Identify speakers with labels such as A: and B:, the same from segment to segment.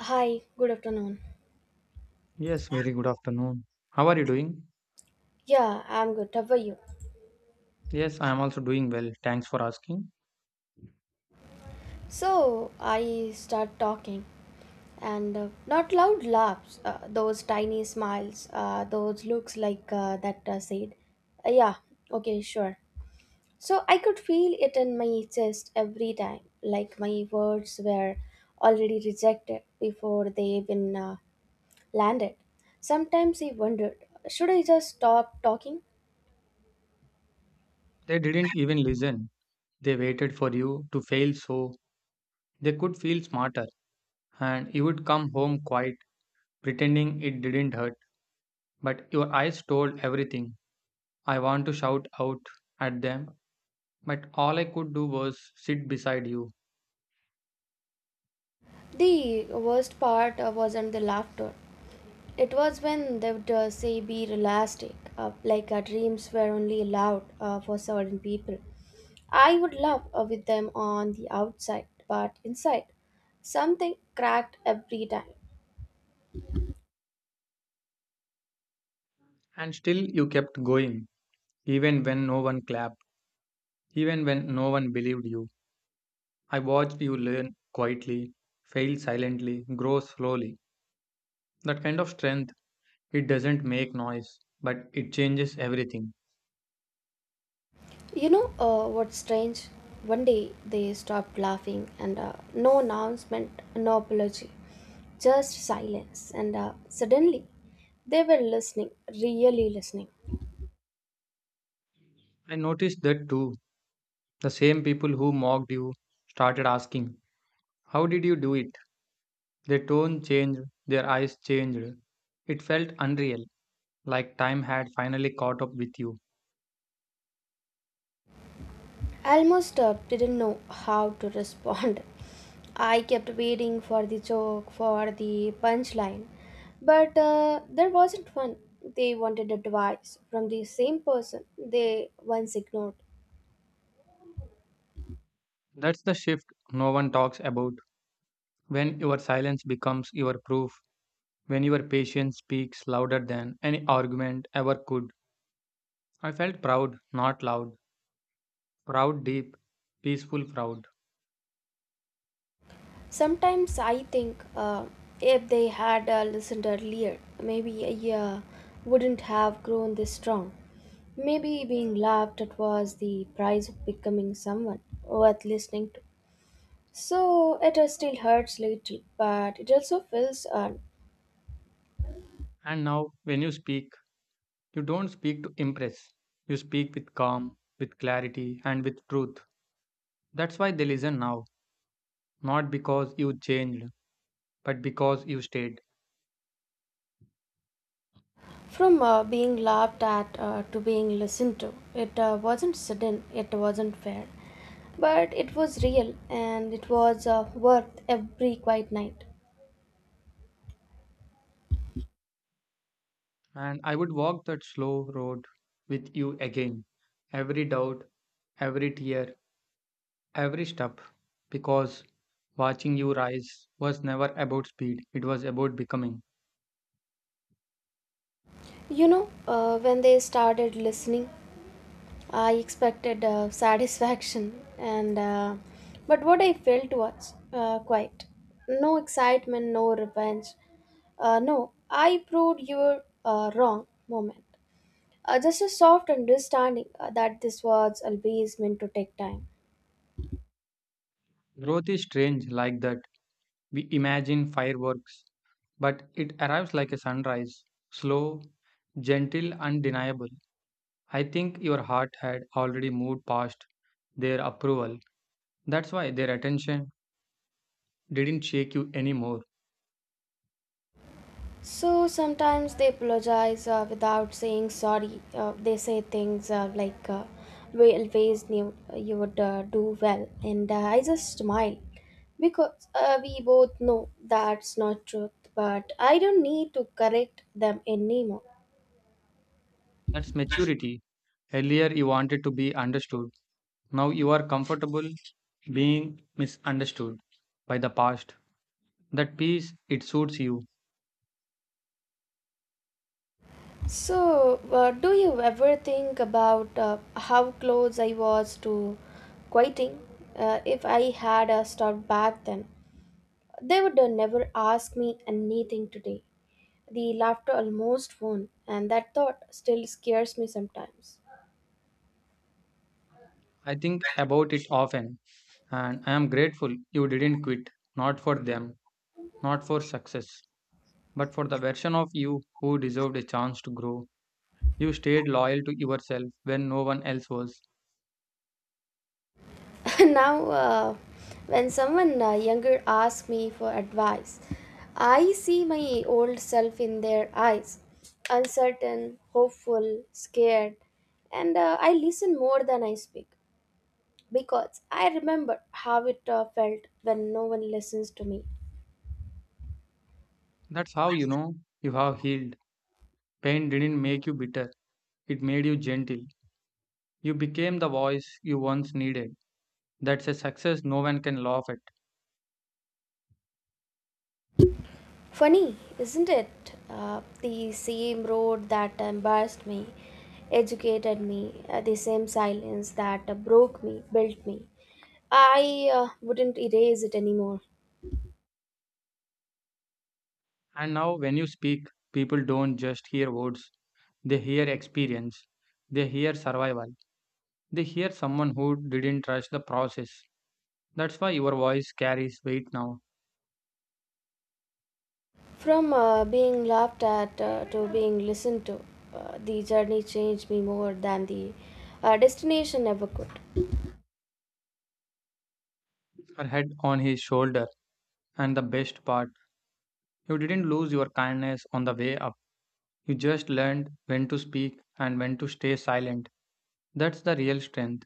A: Hi, good afternoon.
B: Yes, very good afternoon. How are you doing?
A: Yeah, I'm good. How are you?
B: Yes, I am also doing well. Thanks for asking.
A: So I start talking, and not loud laughs, those tiny smiles, those looks like that said, yeah, okay, sure. So I could feel it in my chest every time, like my words were already rejected before they even landed. Sometimes I wondered, should I just stop talking?
B: They didn't even listen. They waited for you to fail so they could feel smarter, and you would come home quiet, pretending it didn't hurt. But your eyes told everything. I want to shout out at them, but all I could do was sit beside you.
A: The worst part wasn't the laughter. It was when they would say be realistic, like our dreams were only allowed for certain people. I would laugh with them on the outside, but inside, something cracked every time.
B: And still, you kept going, even when no one clapped, even when no one believed you. I watched you learn quietly, fail silently, grow slowly. That kind of strength, it doesn't make noise, but it changes everything.
A: You know what's strange? One day they stopped laughing and no announcement, no apology, just silence. And Suddenly they were listening, really listening.
B: I noticed that too. The same people who mocked you started asking, how did you do it? Their tone changed, their eyes changed. It felt unreal, like time had finally caught up with you.
A: Almost didn't know how to respond. I kept waiting for the joke, for the punchline, but there wasn't one. They wanted advice from the same person they once ignored.
B: That's the shift no one talks about. When your silence becomes your proof, when your patience speaks louder than any argument ever could. I felt proud, not loud, proud, deep, peaceful, proud.
A: Sometimes I think, if they had listened earlier, maybe I wouldn't have grown this strong. Maybe being laughed at was the price of becoming someone worth listening to. So it still hurts little, but it also feels earned.
B: And now, when you speak, you don't speak to impress. You speak with calm, with clarity, and with truth. That's why they listen now, not because you changed, but because you stayed.
A: From being laughed at to being listened to, it wasn't sudden, it wasn't fair, but it was real and it was worth every quiet night.
B: And I would walk that slow road with you again. Every doubt, every tear, every step. Because watching you rise was never about speed, it was about becoming.
A: When they started listening, I expected satisfaction, and but what I felt was quite no excitement, no revenge, no I proved you were wrong moment. Just a soft understanding that this was always meant to take time.
B: Growth is strange like that. We imagine fireworks, but it arrives like a sunrise, slow, gentle, undeniable. I think your heart had already moved past their approval. That's why their attention didn't shake you anymore.
A: So sometimes they apologize without saying sorry. They say things like, "We always knew you would do well," and I just smile because we both know that's not truth. But I don't need to correct them anymore.
B: That's maturity. Earlier, you wanted to be understood. Now you are comfortable being misunderstood by the past. That peace, it suits you.
A: So, do you ever think about how close I was to quitting? If I had stopped back then, they would never ask me anything today. The laughter almost won, and that thought still scares me sometimes.
B: I think about it often, and I am grateful you didn't quit, not for them, not for success, but for the version of you who deserved a chance to grow. You stayed loyal to yourself when no one else was.
A: Now, when someone younger asks me for advice, I see my old self in their eyes uncertain, hopeful, scared, and I listen more than I speak because I remember how it felt when no one listens to me.
B: That's how you know you have healed. Pain didn't make you bitter, it made you gentle. You became the voice you once needed. That's a success no one can laugh at.
A: Funny, isn't it? The same road that embarrassed me, educated me, the same silence that broke me, built me. I wouldn't erase it anymore.
B: And now, when you speak, people don't just hear words, they hear experience, they hear survival, they hear someone who didn't trust the process. That's why your voice carries weight now.
A: From being laughed at to being listened to, the journey changed me more than the destination ever could.
B: Her head on his shoulder. And the best part, you didn't lose your kindness on the way up. You just learned when to speak and when to stay silent. That's the real strength.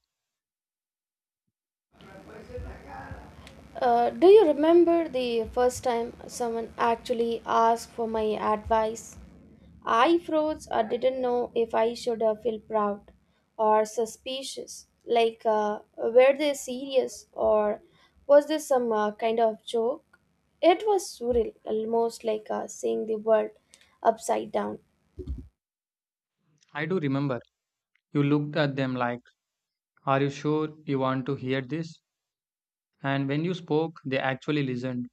A: Do you remember the first time someone actually asked for my advice? I froze or didn't know if I should feel proud or suspicious. Like, were they serious or was this some kind of joke? It was surreal, almost like seeing the world upside down.
B: I do remember, you looked at them like, are you sure you want to hear this? And when you spoke, they actually listened.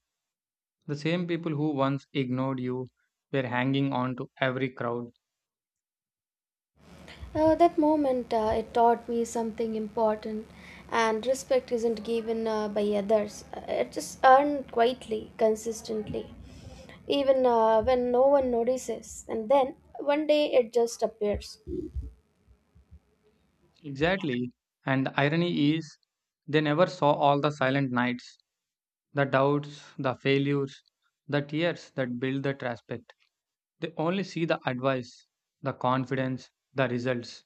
B: The same people who once ignored you were hanging on to every crowd.
A: That moment, it taught me something important, and respect isn't given by others. It is earned quietly, consistently, even when no one notices. And then one day it just appears.
B: Exactly. And the irony is, they never saw all the silent nights. The doubts, the failures, the tears that build that respect. They only see the advice, the confidence, the results.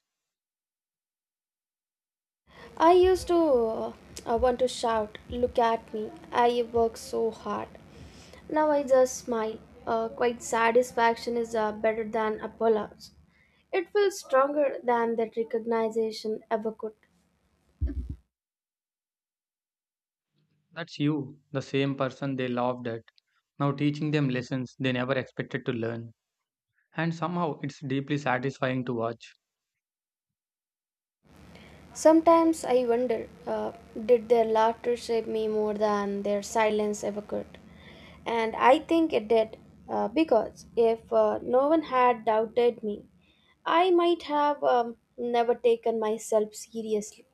A: I used to I want to shout, look at me, I work so hard. Now I just smile. Quite satisfaction is better than apologies. It feels stronger than that recognition ever could.
B: That's you, the same person they loved at, now teaching them lessons they never expected to learn. And somehow it's deeply satisfying to watch.
A: Sometimes I wonder, did their laughter shape me more than their silence ever could? And I think it did, because if no one had doubted me, I might have never taken myself seriously.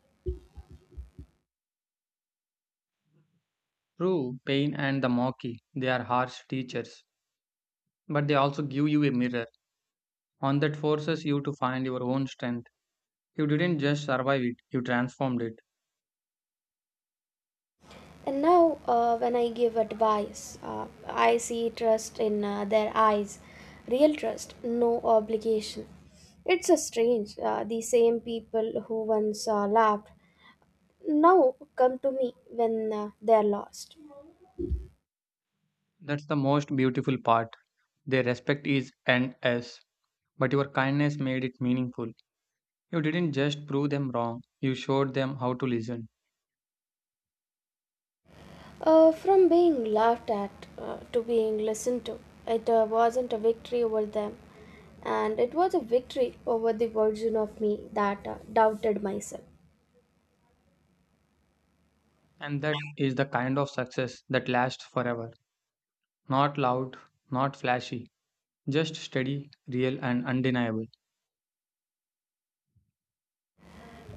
B: Through pain and the mockery, they are harsh teachers, but they also give you a mirror. One that forces you to find your own strength. You didn't just survive it, you transformed it.
A: And now, when I give advice, I see trust in their eyes, real trust, no obligation. It's a strange. The same people who once laughed now come to me when they're lost.
B: That's the most beautiful part. Their respect is endless, but your kindness made it meaningful. You didn't just prove them wrong, you showed them how to listen.
A: From being laughed at to being listened to, it wasn't a victory over them, and it was a victory over the version of me that doubted myself.
B: And that is the kind of success that lasts forever. Not loud, not flashy, just steady, real, and undeniable.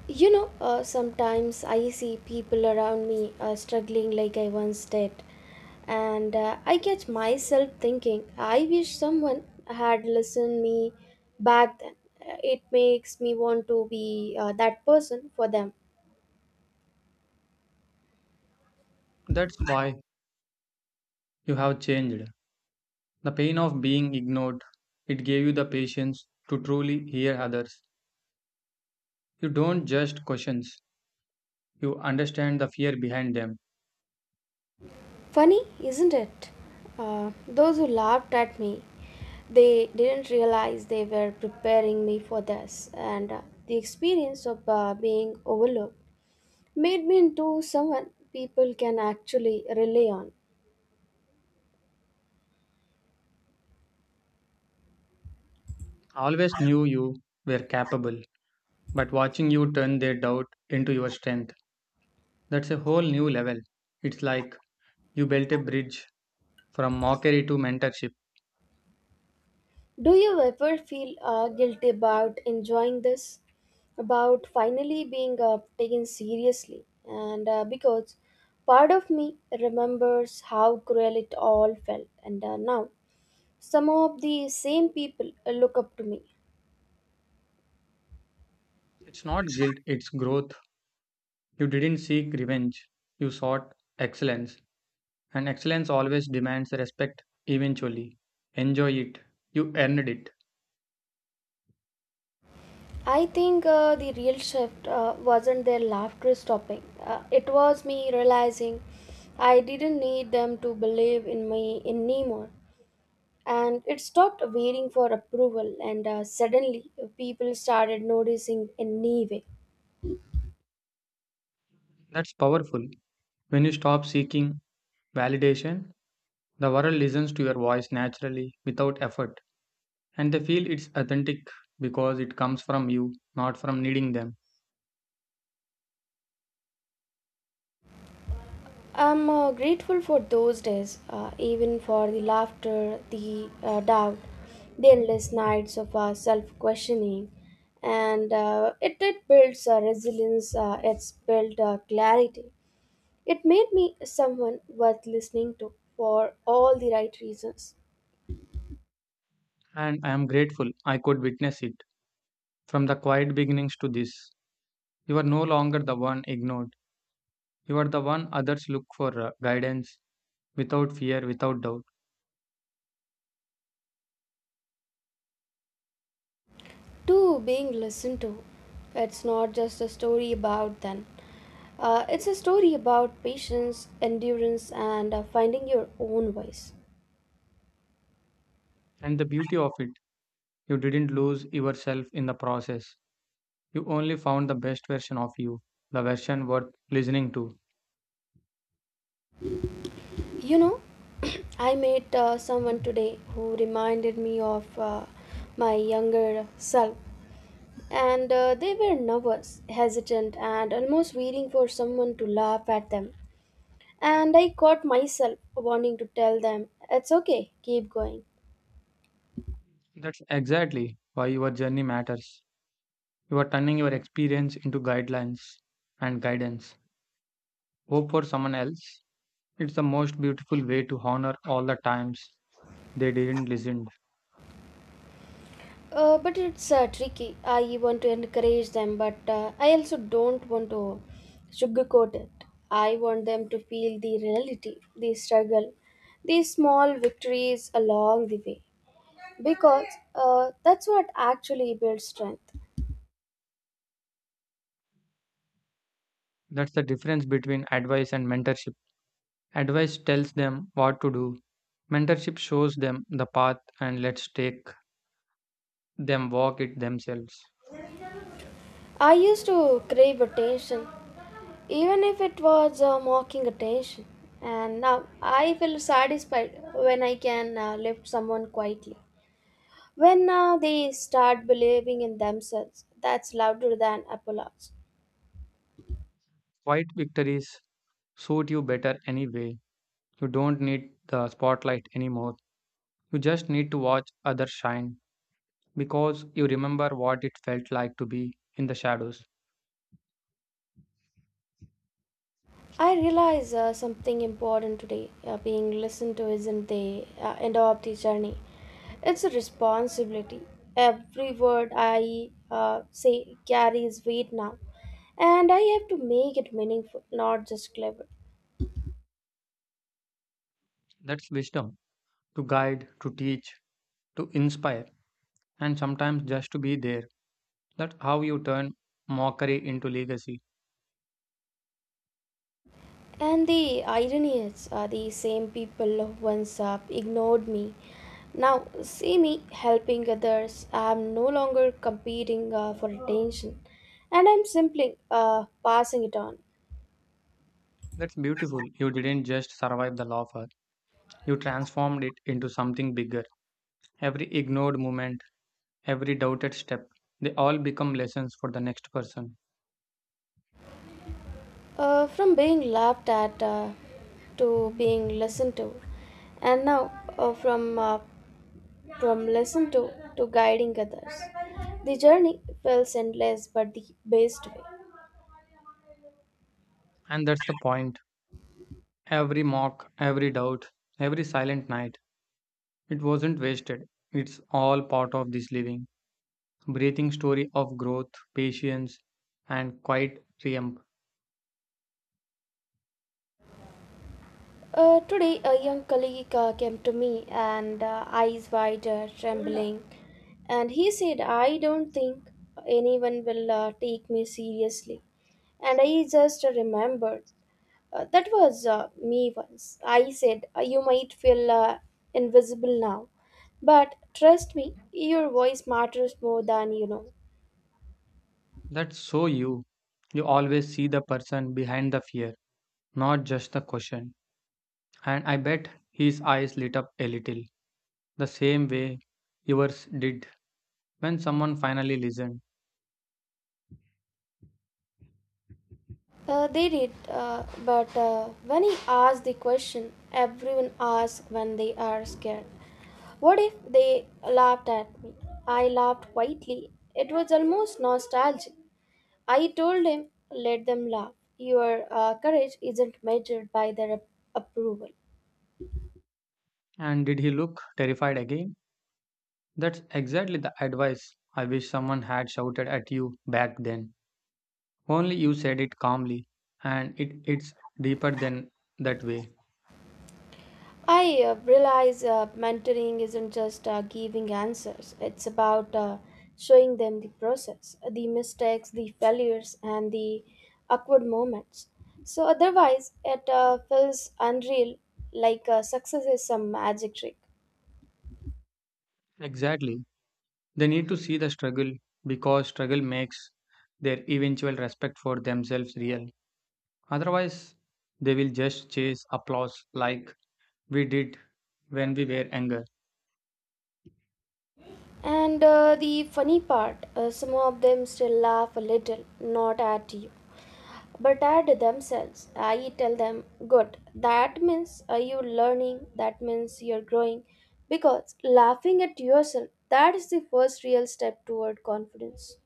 A: Sometimes I see people around me struggling like I once did, and I catch myself thinking, I wish someone had listened me back then. It makes me want to be that person for them.
B: That's why you have changed. The pain of being ignored, it gave you the patience to truly hear others. You don't just questions, you understand the fear behind them.
A: Funny, isn't it? Those who laughed at me, they didn't realize they were preparing me for this, and the experience of being overlooked made me into someone people can actually rely on.
B: I always knew you were capable. But watching you turn their doubt into your strength, that's a whole new level. It's like you built a bridge from mockery to mentorship.
A: Do you ever feel guilty about enjoying this? About finally being taken seriously? And Because part of me remembers how cruel it all felt, and now some of the same people look up to me.
B: It's not guilt, it's growth. You didn't seek revenge, you sought excellence. And excellence always demands respect eventually. Enjoy it. You earned it.
A: I think, the real shift wasn't their laughter stopping. It was me realizing I didn't need them to believe in me anymore. And it stopped waiting for approval and suddenly people started noticing anyway.
B: That's powerful. When you stop seeking validation, the world listens to your voice naturally without effort. And they feel it's authentic because it comes from you, not from needing them.
A: I'm grateful for those days, even for the laughter, the doubt, the endless nights of self-questioning, and it did build resilience, it's built clarity. It made me someone worth listening to for all the right reasons,
B: And I am grateful I could witness it. From the quiet beginnings to this, you are no longer the one ignored. You are the one others look for guidance without fear, without doubt.
A: to being listened to. It's not just a story about them. It's a story about patience, endurance, and finding your own voice.
B: And the beauty of it, you didn't lose yourself in the process. You only found the best version of you, the version worth listening to.
A: You know, I met someone today who reminded me of my younger self, and they were nervous, hesitant, and almost waiting for someone to laugh at them. And I caught myself wanting to tell them, it's okay, keep going.
B: That's exactly why your journey matters. You are turning your experience into guidelines and guidance. Hope for someone else. It's the most beautiful way to honor all the times they didn't listen.
A: But it's tricky. I want to encourage them, but I also don't want to sugarcoat it. I want them to feel the reality, the struggle, the small victories along the way, because that's what actually builds strength.
B: That's the difference between advice and mentorship. Advice tells them what to do. Mentorship shows them the path and lets take them walk it themselves.
A: I used to crave attention, even if it was mocking attention, and now I feel satisfied when I can lift someone quietly. When they start believing in themselves, that's louder than applause.
B: Quiet victories suit you better anyway. You don't need the spotlight anymore. You just need to watch others shine because you remember what it felt like to be in the shadows.
A: I realize something important today. Being listened to isn't the end of the journey, it's a responsibility. Every word I say carries weight now, and I have to make it meaningful, not just clever.
B: That's wisdom to guide, to teach, to inspire, and sometimes just to be there. That's how you turn mockery into legacy.
A: And the irony is, the same people who once ignored me now see me helping others. I'm no longer competing for attention, and I'm simply passing it on.
B: That's beautiful. You didn't just survive the law lawfare, you transformed it into something bigger. Every ignored moment, every doubted step, they all become lessons for the next person.
A: From being laughed at to being listened to, and now, uh, from uh, from listened to guiding others. The journey feels endless, but the best way.
B: And that's the point. Every mock, every doubt, every silent night, it wasn't wasted. It's all part of this living, breathing story of growth, patience, and quiet triumph.
A: Today, a young colleague came to me and, eyes wide, trembling, and he said, I don't think anyone will take me seriously. And I just remembered, that was me once. I said, You might feel invisible now, but trust me, your voice matters more than you know."
B: That's so you. You always see the person behind the fear. Not just the question. And I bet his eyes lit up a little, the same way yours did when someone finally listened.
A: They did, but when he asked the question, everyone asks when they are scared. What if they laughed at me? I laughed quietly. It was almost nostalgic. I told him, let them laugh. Your courage isn't measured by their approval.
B: And did he look terrified again? That's exactly the advice I wish someone had shouted at you back then. Only you said it calmly, and it's deeper than that way.
A: I realize mentoring isn't just giving answers, it's about showing them the process, the mistakes, the failures, and the awkward moments. So, otherwise, it feels unreal, like success is some magic trick.
B: Exactly. They need to see the struggle because struggle makes their eventual respect for themselves real. Otherwise, they will just chase applause like we did when we were younger.
A: And the funny part, some of them still laugh a little, not at you, but at themselves. I tell them, good, that means you're learning, that means you're growing, because laughing at yourself, that is the first real step toward confidence.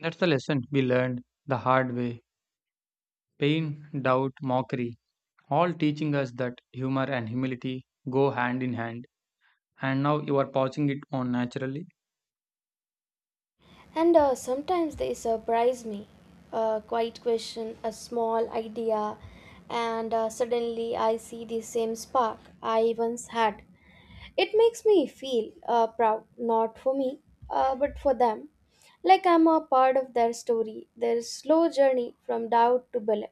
B: That's the lesson we learned the hard way. Pain, doubt, mockery, all teaching us that humor and humility go hand in hand. And now you are passing it on naturally.
A: And sometimes they surprise me. A quiet question, a small idea, and suddenly I see the same spark I once had. It makes me feel proud, not for me, but for them. Like I'm a part of their story, their slow journey from doubt to belief.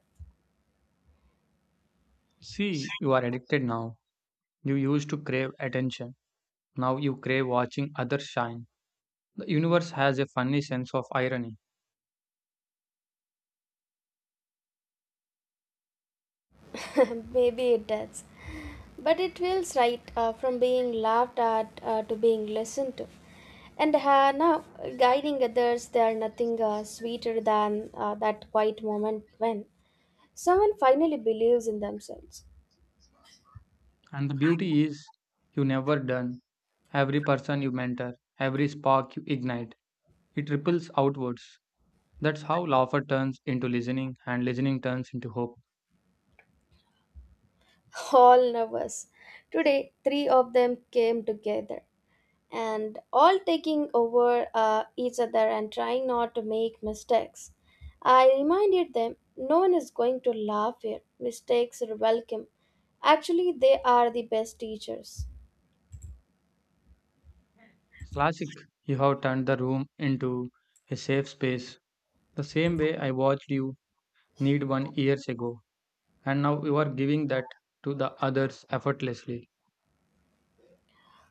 B: See, you are addicted now. You used to crave attention. Now you crave watching others shine. The universe has a funny sense of irony.
A: Maybe it does. But it feels right, from being laughed at to being listened to. And now, guiding others, they are nothing sweeter than that quiet moment when someone finally believes in themselves.
B: And the beauty is, you never done. Every person you mentor, every spark you ignite, it ripples outwards. That's how laughter turns into listening, and listening turns into hope.
A: All nervous. Today, three of them came together and all taking over each other and trying not to make mistakes. I reminded them no one is going to laugh here. Mistakes are welcome. Actually, they are the best teachers.
B: Classic, you have turned the room into a safe space. The same way I watched you need one years ago, and now you are giving that to the others effortlessly.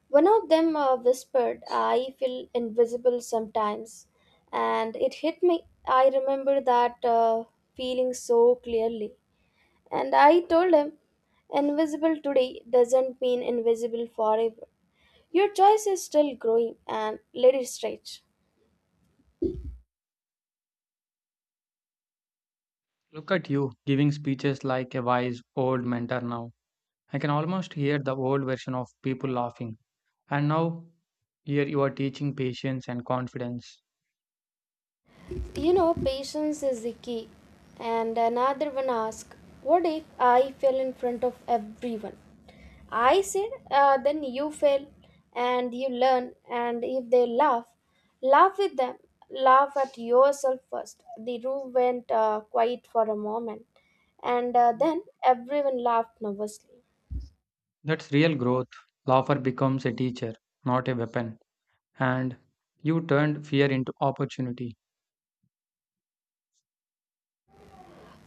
A: One of them whispered, I feel invisible sometimes. And it hit me. I remember that feeling so clearly. And I told him, invisible today doesn't mean invisible forever. Your choice is still growing and let it stretch.
B: Look at you giving speeches like a wise old mentor now. I can almost hear the old version of people laughing. And now here you are teaching patience and confidence.
A: You know, patience is the key. And another one asked, what if I fell in front of everyone? I said, then you fail and you learn. And if they laugh, laugh with them. Laugh at yourself first. The room went quiet for a moment. And Then everyone laughed nervously.
B: That's real growth. Laughter becomes a teacher, not a weapon. And you turned fear into opportunity.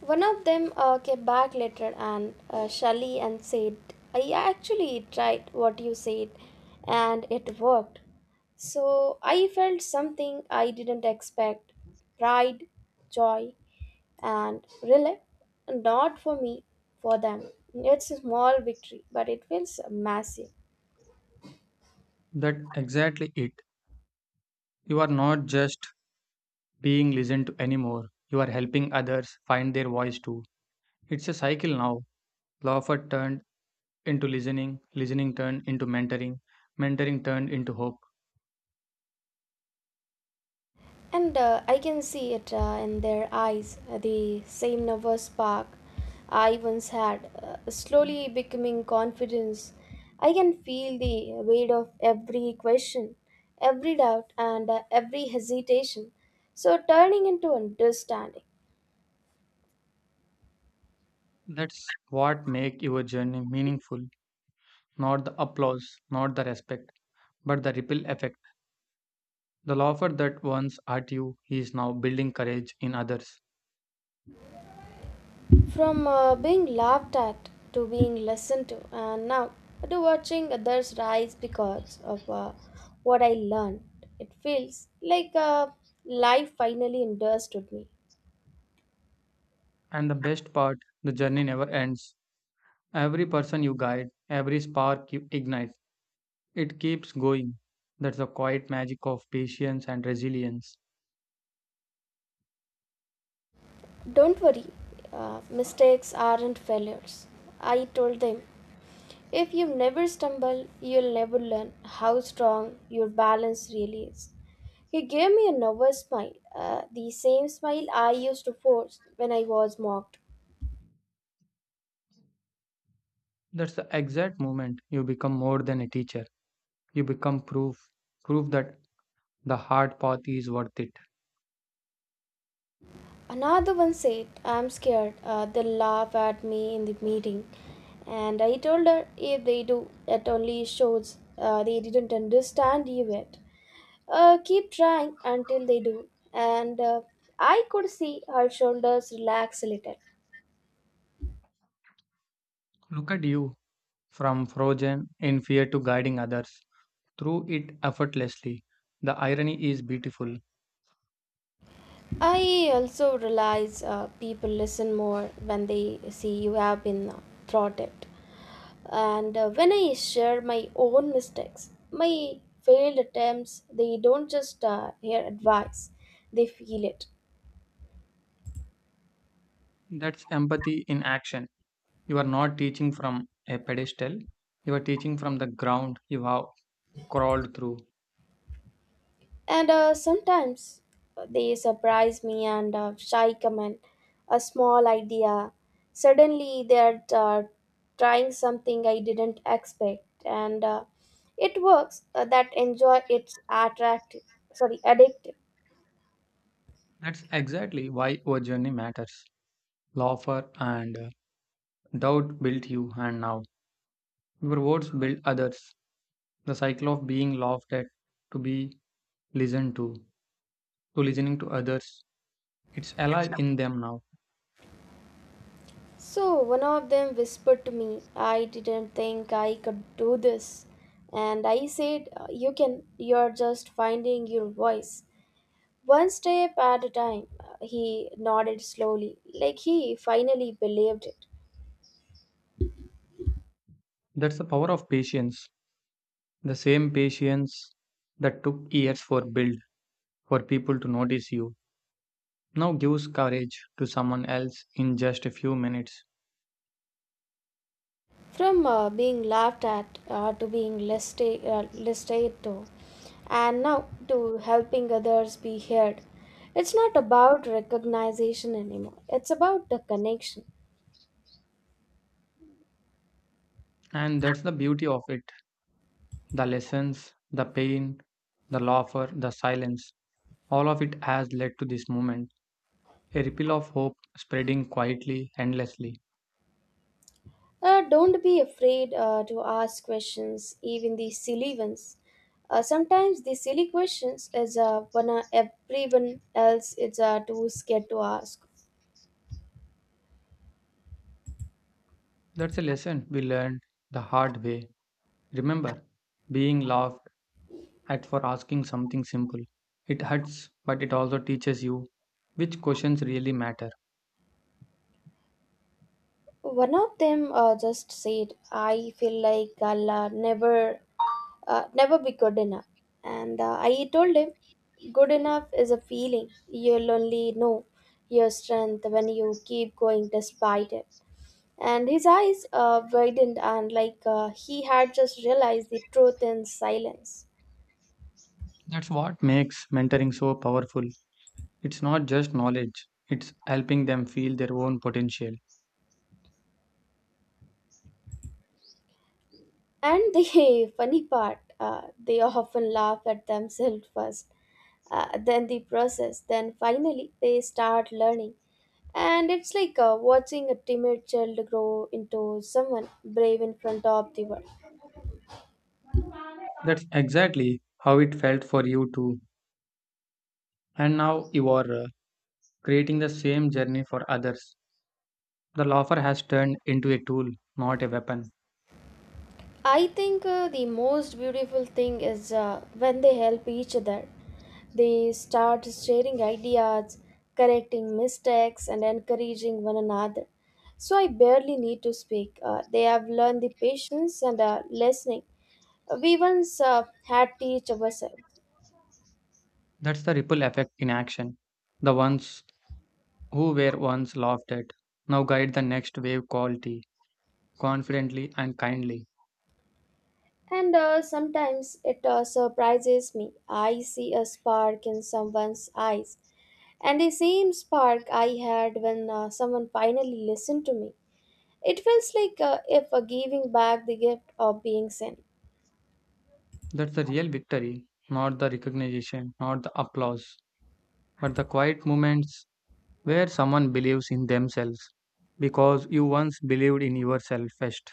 A: One of them came back later and Shelly and said, "I actually tried what you said and it worked." So I felt something I didn't expect: pride, joy, and relief. Not for me, for them. It's a small victory, but it feels massive.
B: That exactly it. You are not just being listened to anymore. You are helping others find their voice too. It's a cycle now. Laughter turned into listening, listening turned into mentoring, mentoring turned into hope.
A: And I can see it in their eyes, the same nervous spark I once had, slowly becoming confidence. I can feel the weight of every question, every doubt, and every hesitation. So, turning into understanding.
B: That's what make your journey meaningful. Not the applause, not the respect, but the ripple effect. The laughter that once hurt you is now building courage in others.
A: From being laughed at to being listened to, and now to watching others rise because of what I learned, it feels like life finally understood me.
B: And the best part, the journey never ends. Every person you guide, every spark you ignite, it keeps going. That's the quiet magic of patience and resilience.
A: Don't worry, mistakes aren't failures, I told them. If you never stumble, you'll never learn how strong your balance really is. He gave me a nervous smile, the same smile I used to force when I was mocked.
B: That's the exact moment you become more than a teacher. You become proof, proof that the hard path is worth it.
A: Another one said, "I'm scared, they'll laugh at me in the meeting." And I told her, if they do, it only shows they didn't understand you yet. Keep trying until they do. And I could see her shoulders relax a little.
B: Look at you, from frozen in fear to guiding others through it effortlessly. The irony is beautiful.
A: I also realize people listen more when they see you have been throttled. And When I share my own mistakes, my failed attempts, they don't just hear advice, they feel it.
B: That's empathy in action. You are not teaching from a pedestal, you are teaching from the ground you have crawled through.
A: And Sometimes they surprise me and shy comment, a small idea. Suddenly they're trying something I didn't expect, and it works. That enjoy it's attractive, sorry, addictive.
B: That's exactly why your journey matters. Laughter and doubt built you, and now your words build others. The cycle of being laughed at, to be listened to listening to others, it's alive in them now.
A: So one of them whispered to me, "I didn't think I could do this," and I said, "You can. You're just finding your voice. One step at a time." He nodded slowly, like he finally believed it.
B: That's the power of patience, the same patience that took years for build for people to notice you now gives courage to someone else in just a few minutes.
A: From being laughed at to being listed, listed to, and now to helping others be heard. It's not about recognition anymore, it's about the connection.
B: And that's the beauty of it, the lessons, the pain, the laughter, the silence. All of it has led to this moment, a ripple of hope spreading quietly, endlessly.
A: Don't be afraid to ask questions, even the silly ones. Sometimes the silly questions is when everyone else is too scared to ask.
B: That's a lesson we learned the hard way. Remember, being laughed at for asking something simple. It hurts, but it also teaches you which questions really matter.
A: One of them just said, "I feel like I'll never be good enough," and I told him, "Good enough is a feeling. You'll only know your strength when you keep going despite it." And his eyes widened, and like he had just realized the truth in silence.
B: That's what makes mentoring so powerful. It's not just knowledge, it's helping them feel their own potential.
A: And the funny part, they often laugh at themselves first, then the process, then finally they start learning, and it's like watching a timid child grow into someone brave in front of the world.
B: That's exactly how it felt for you too. And now you are creating the same journey for others. The loafer has turned into a tool, not a weapon.
A: I think the most beautiful thing is when they help each other, they start sharing ideas, correcting mistakes, and encouraging one another, so I barely need to speak. They have learned the patience and listening we once had to teach ourselves.
B: That's the ripple effect in action. The ones who were once laughed at now guide the next wave quality, confidently and kindly.
A: And Sometimes it surprises me. I see a spark in someone's eyes, and the same spark I had when someone finally listened to me. It feels like if giving back the gift of being seen.
B: That's the real victory, not the recognition, not the applause, but the quiet moments where someone believes in themselves because you once believed in yourself first.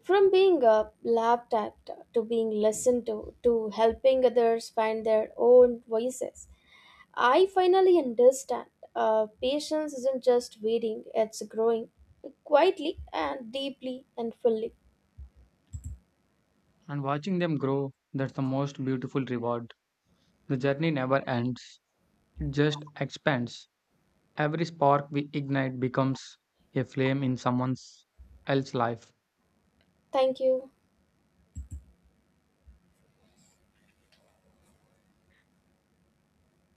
A: From being laughed at to being listened to helping others find their own voices, I finally understand. Patience isn't just waiting, it's growing quietly and deeply and fully.
B: And watching them grow, that's the most beautiful reward. The journey never ends, it just expands. Every spark we ignite becomes a flame in someone else's life.
A: Thank you.